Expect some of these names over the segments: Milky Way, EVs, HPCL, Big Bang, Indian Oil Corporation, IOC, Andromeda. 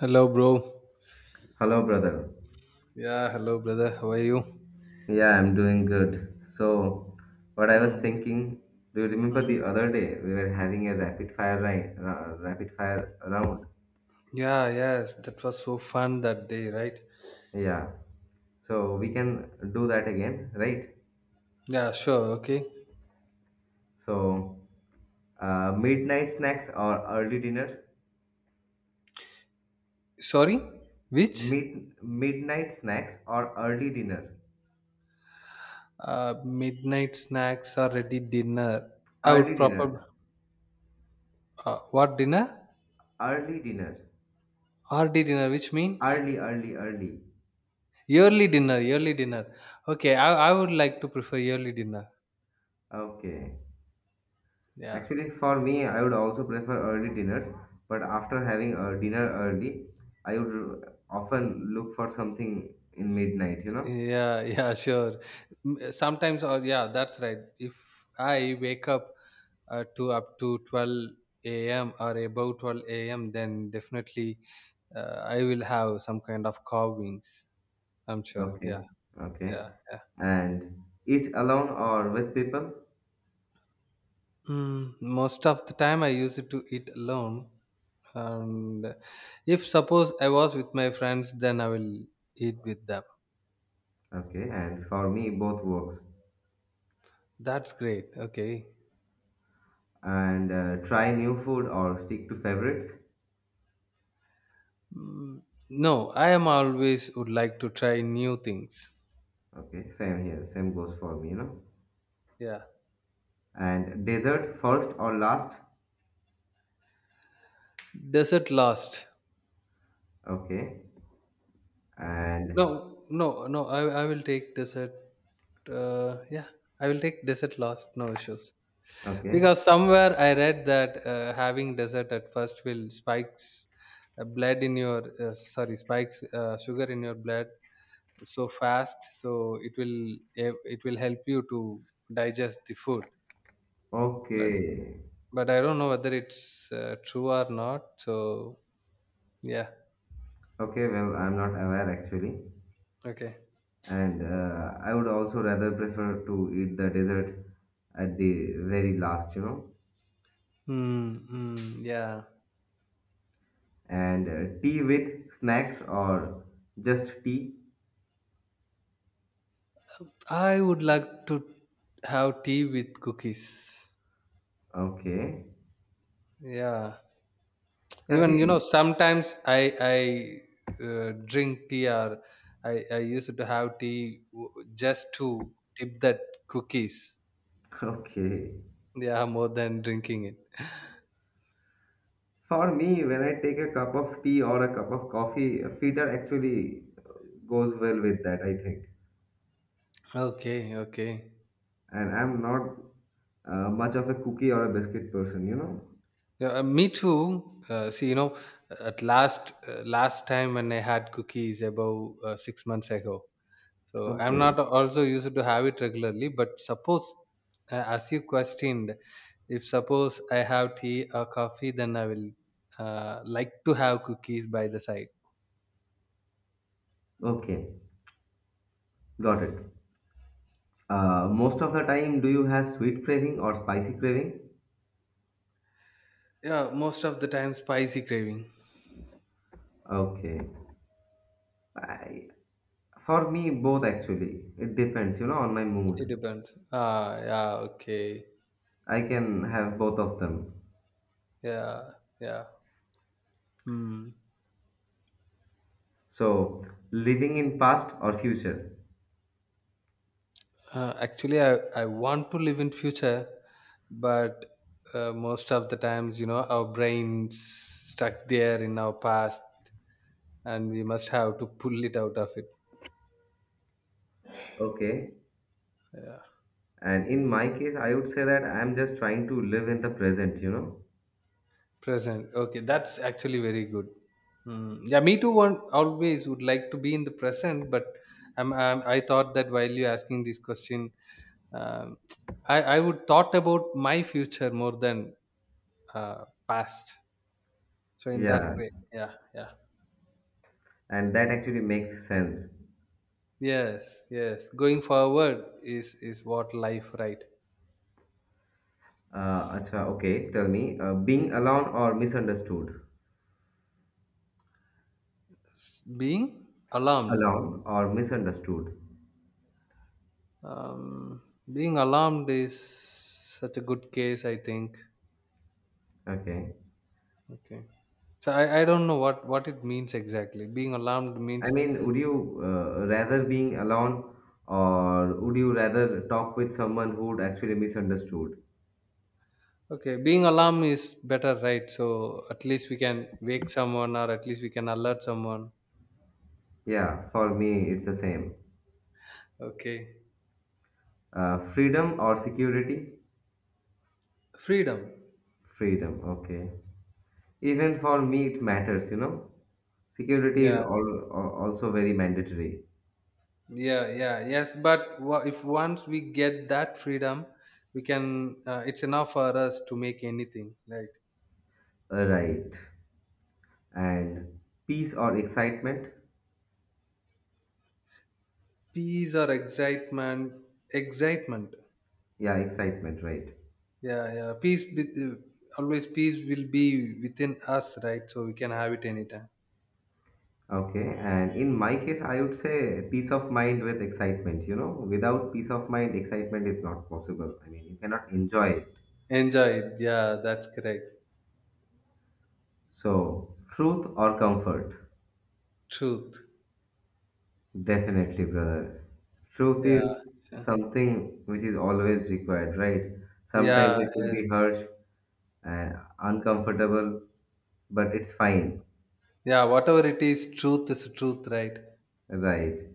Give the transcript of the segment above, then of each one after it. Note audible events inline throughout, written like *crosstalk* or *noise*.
Hello, bro. Hello, brother. Yeah, hello, brother. How are you? Yeah, I'm doing good. So, what I was Hmm. thinking, do you remember Hmm. the other day we were having a rapid fire round? Yeah, yes, that was so fun that day, right? Yeah. So we can do that again, right? Yeah, sure. Okay. So, midnight snacks or early dinner? Sorry, which Midnight snacks or early dinner? Midnight snacks are ready dinner? I Early would probably dinner. What dinner? Early dinner. Early dinner, which means Early, early, early. yearly dinner. Yearly dinner. Okay, I would like to prefer yearly dinner. Okay. Yeah. Actually, for me, I would also prefer early dinners, but after having a dinner early, I would often look for something in midnight, you know? Yeah, *laughs* yeah, sure. Sometimes, or yeah, that's right. If I wake up to up to 12 a.m. or above 12 a.m., then definitely I will have some kind of carvings. I'm sure. Yeah, Okay, okay. yeah, yeah. And eat alone or with people? Most of the time, I use it to eat alone. And if suppose I was with my friends, then I will eat with them. Okay, and for me, both works. That's great. Okay. And try new food or stick to favorites? Mm, no, I am always would like to try new things. Okay, same here, same goes for me, you know? Yeah. And dessert first or last? Desert last. Okay, Mm. No, and no, no. I will take desert. Yeah, I will take desert last. No issues. okay, Because somewhere I read that having dessert at first will spikes blood in your sorry spikes sugar in your blood so fast. So it will help you to digest the food. But okay, but I don't know whether it's true or not. So yeah. okay, well, I'm not aware actually. Okay. And I would also rather prefer to eat the dessert at the very last, you know. Hmm. Hmm, yeah. And tea with snacks or just tea? I would like to have tea with cookies. Okay. Yeah, Yeah, even see, sometimes I drink tea or I used to have tea just to dip that cookies. *laughs* okay. Yeah, more than drinking it. For me, when I take a cup of tea or a cup of coffee, a feeder actually goes well with that, I think. Okay, okay. And I'm not much of a cookie or a biscuit person, you know? Yeah, me too. See, at last last time when I had cookies about 6 months ago. So I'm Okay. not also used to have it regularly, but suppose, as you questioned, if suppose I have tea or coffee, then I will like to have cookies by the side. Okay. Got it. Most of the time, do you have sweet craving or spicy craving? Yeah, most of the time spicy craving. Okay. I, for me, both actually. It depends, you know, on my It mood. depends. Ah, yeah, okay. I can have both of them. Yeah, yeah. Hmm. So, living in past or future. Actually, I want to live in future, but most of the times, our brains stuck there in our past, and we must have to pull it out of it. Okay. Yeah, And in my case, I would say that I'm just trying to live in the present, you know? present. Okay, that's actually very good. Mm. Yeah, me too. One always would like to be in the present, but I thought that while you asking this question, um, I would thought about my future more than past. So in that Yeah. way, yeah, yeah, And that actually makes sense. yes, yes. Going forward is what life, right? Acha, okay. Tell me, being alone or misunderstood? Being alarmed. Alone or misunderstood? Um, being alarmed is such a good case, I think. Okay. Okay. So I don't know what it means exactly. Being alarmed I means mean, would you rather being alone or would you rather talk with someone who'd actually misunderstood? okay, being alarm is better, right? So at least we can wake someone or at least we can alert someone. Yeah, for me, it's the same. Okay. Freedom or security? Freedom. Freedom, okay. Even for me, it matters, you know. Security is Yeah. all, also very mandatory. Yeah, yeah, yes. But if once we get that freedom, we can it's enough for us to make anything, right? Right. And peace or excitement? Peace or excitement? Excitement. Yeah, excitement, right. Yeah, yeah. Peace with, always peace will be within us, right? So we can have it anytime. Okay, and in my case, I would say peace of mind with excitement. You know, without peace of mind, excitement is not possible. I mean, you cannot enjoy it. Enjoy, yeah, that's correct. So, truth or comfort? Truth. Definitely, brother. Truth Yeah. is something which is always required, right? Sometimes Yeah. it will be harsh and uncomfortable, but it's fine, Yeah. Whatever it is truth, right? right?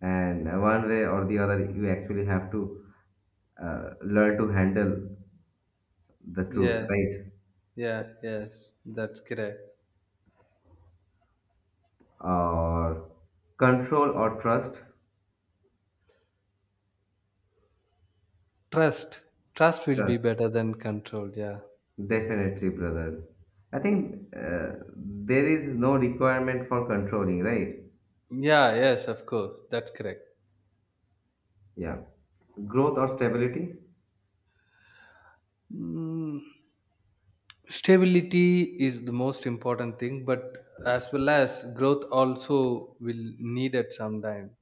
And one way or the other, you actually have to learn to handle the truth, Yeah. right? Yeah. Yes. That's correct. Or control or trust. Trust. Trust will be Trust, better than control. Yeah. definitely, brother. I think there is no requirement for controlling, right? Yeah. Yes. Of course. That's correct. Yeah. Growth or stability? Mm, stability is the most important thing, but as well as growth also will need it sometime.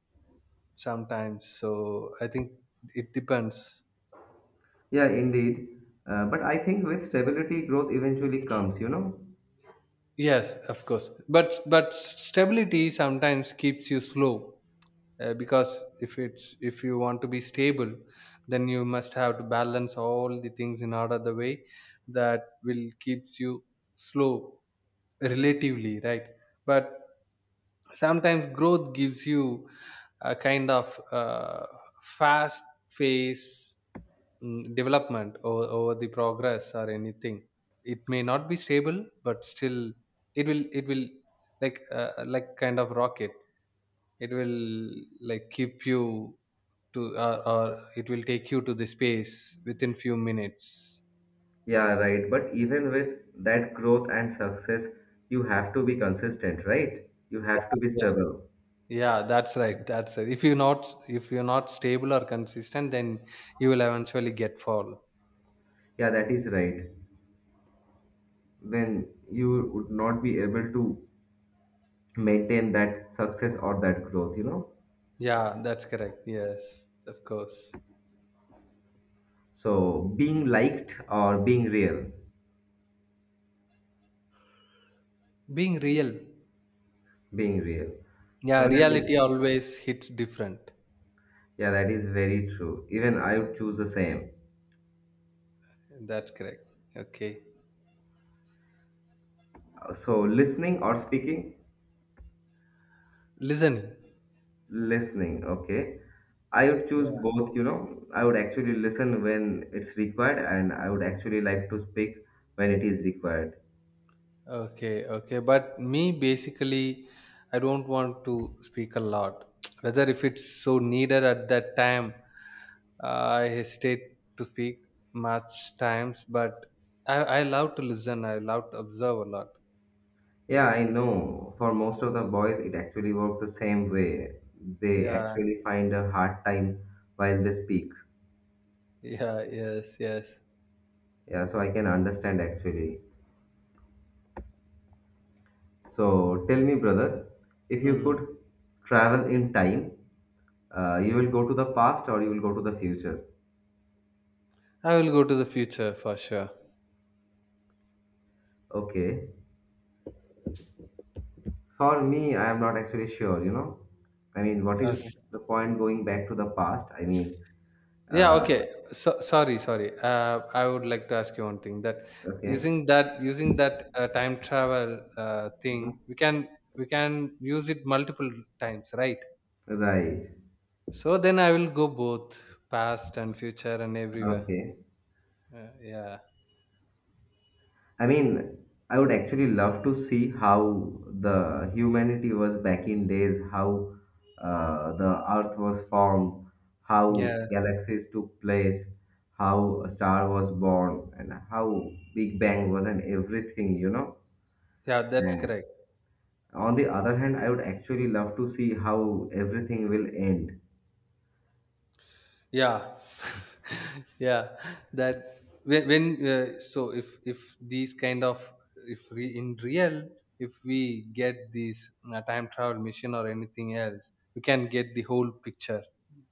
Sometimes. So I think it depends. Yeah, indeed. But I think with stability growth eventually comes, you know? Yes, of course. But stability sometimes keeps you slow because if you want to be stable, then you must have to balance all the things in order the way that will keeps you slow relatively, right? But sometimes growth gives you a kind of fast phase, development or over the progress or anything. It may not be stable, but still it will like kind of rocket. It will like keep you to or it will take you to the space within few minutes. Yeah, right, but even with that growth and success, you have to be consistent, right? You have Yeah, to be yeah. stable. Yeah, that's right, that's right. If you not if you're not stable or consistent, then you will eventually get fall. Yeah, that is right. Then you would not be able to maintain that success or that growth, you know. Yeah, that's correct. Yes, of course. So being liked or being real? Being real. Being real. Yeah, Well, reality always hits different. yeah, that is very true. Even I would choose the same. That's correct. Okay. So listening or speaking? Listening. Listening, okay. I would choose Yeah. both, you know. I would actually listen when it's required and I would actually like to speak when it is required. Okay, okay. But me basically I don't want to speak a lot. *tsk* Whether if it's so needed at that time, uh, I hesitate to speak much times, but I love to listen. I love to observe a lot. Yeah, I know for most of the boys it actually works the same way. They Yeah, actually find a hard time while they speak. *laughs* yeah, yes, yes. Yeah, so I can understand actually. So tell me, brother, if you Hmm. could travel in time, you will go to the past or you will go to the future? I will go to the future for sure. Okay. For me, I am not actually sure, you know. I mean, what is Okay. the point going back to the past? Yeah, uh, okay. So, sorry. I would like to ask you one thing that okay. using that time travel Mhm. thing, we can use it multiple times, right? Right. So then I will go both past and future and everywhere. Okay. Yeah, I mean, I would actually love to see how the humanity was back in days, how the Earth was formed, how yeah, galaxies took place, how a star was born, and how Big Bang was, and everything, you know. yeah. That's And correct. on the other hand, I would actually love to see how everything will end. Yeah, *laughs* yeah, that when so if these kind of, if we in real if we get these time travel machine or anything else, we can get the whole picture.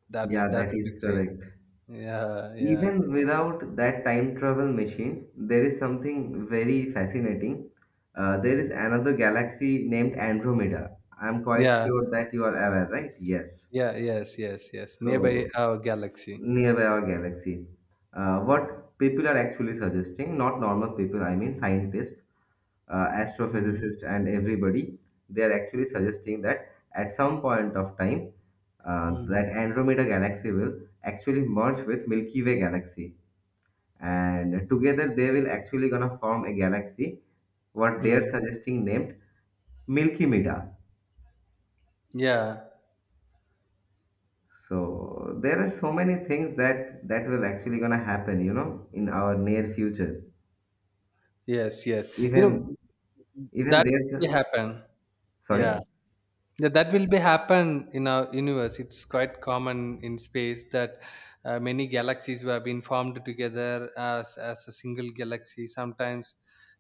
that Yeah, that that will is be great. correct. Yeah, yeah, Even without that time travel machine, there is something very fascinating. There is another galaxy named Andromeda. I'm quite yeah, sure that you are aware, right? Yes. yeah, yes, yes, yes, nearby So, our galaxy. nearby our galaxy. What people are actually suggesting, not normal people, I mean scientists, Mm. astrophysicists, and everybody, they are actually suggesting that at some point of time, Mm. that Andromeda galaxy will actually merge with Milky Way galaxy, and together they will actually gonna form a galaxy what they are Mm. suggesting named milky mida. Yeah, So there are so many things that will actually gonna happen, you know, in our near future. yes, yes, you Even know even that there's will a- happen. Yeah. sorry. Yeah, that will be happen in our universe. It's quite common in space that many galaxies have been formed together as a single galaxy. Sometimes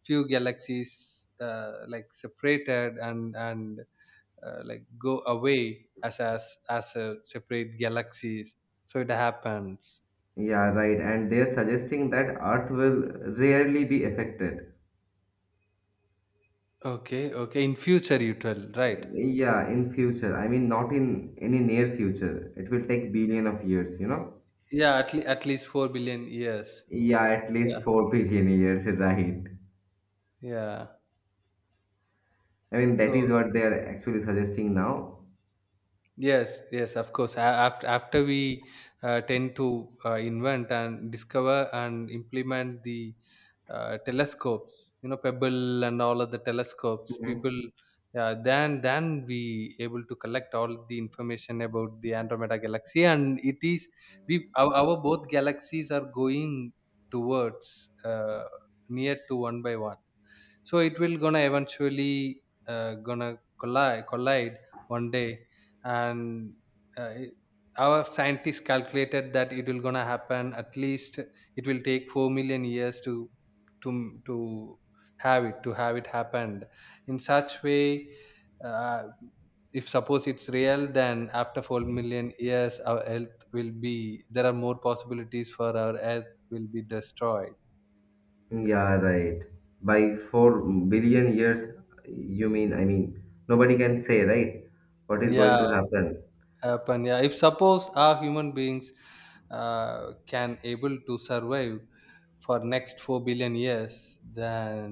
few galaxies like separated and like go away as a separate galaxies. So it happens. Yeah, right, and they're suggesting that earth will rarely be affected. Okay, okay. In future, you tell right? Yeah, in future, I mean not in any near future. It will take billion of years, you know. Yeah, at least 4 billion years. Yeah, at least Yeah, 4 billion years, *laughs* right. yeah. I mean, that So is what they are actually suggesting now. yes, yes, of course. After we tend to invent and discover and implement the telescopes, Pebble and all of the telescopes, Mhm. people then we able to collect all the information about the Andromeda galaxy, and it is we our both galaxies are going towards near to one by one. So it will gonna eventually gonna collide one day. And uh, it- our scientists calculated that it will gonna happen, at least it will take 4 million years to have it happened in such way. Uh, if suppose it's real, then after 4 million years our earth will be, there are more possibilities for our earth will be destroyed. Yeah, right. By 4 billion years, you mean, I mean, nobody can say, right? What is going Yeah, to happen? happen. Yeah, if suppose our human beings can able to survive for next 4 billion years, then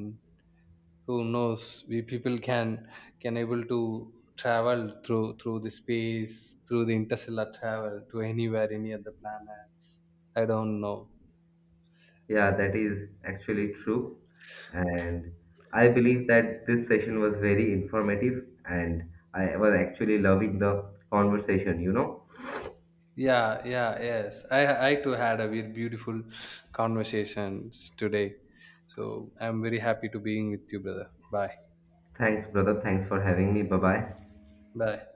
who knows, we people can able to travel through the space, through the interstellar travel to anywhere any other planets. I don't know. Yeah, that is actually true. And I believe that this session was very informative and I was actually loving the conversation, you know? Yeah, yeah, yes, I too had a very beautiful conversations today. So I'm very happy to being with you, brother. Bye Thanks, brother. Thanks for having me. Bye bye. bye.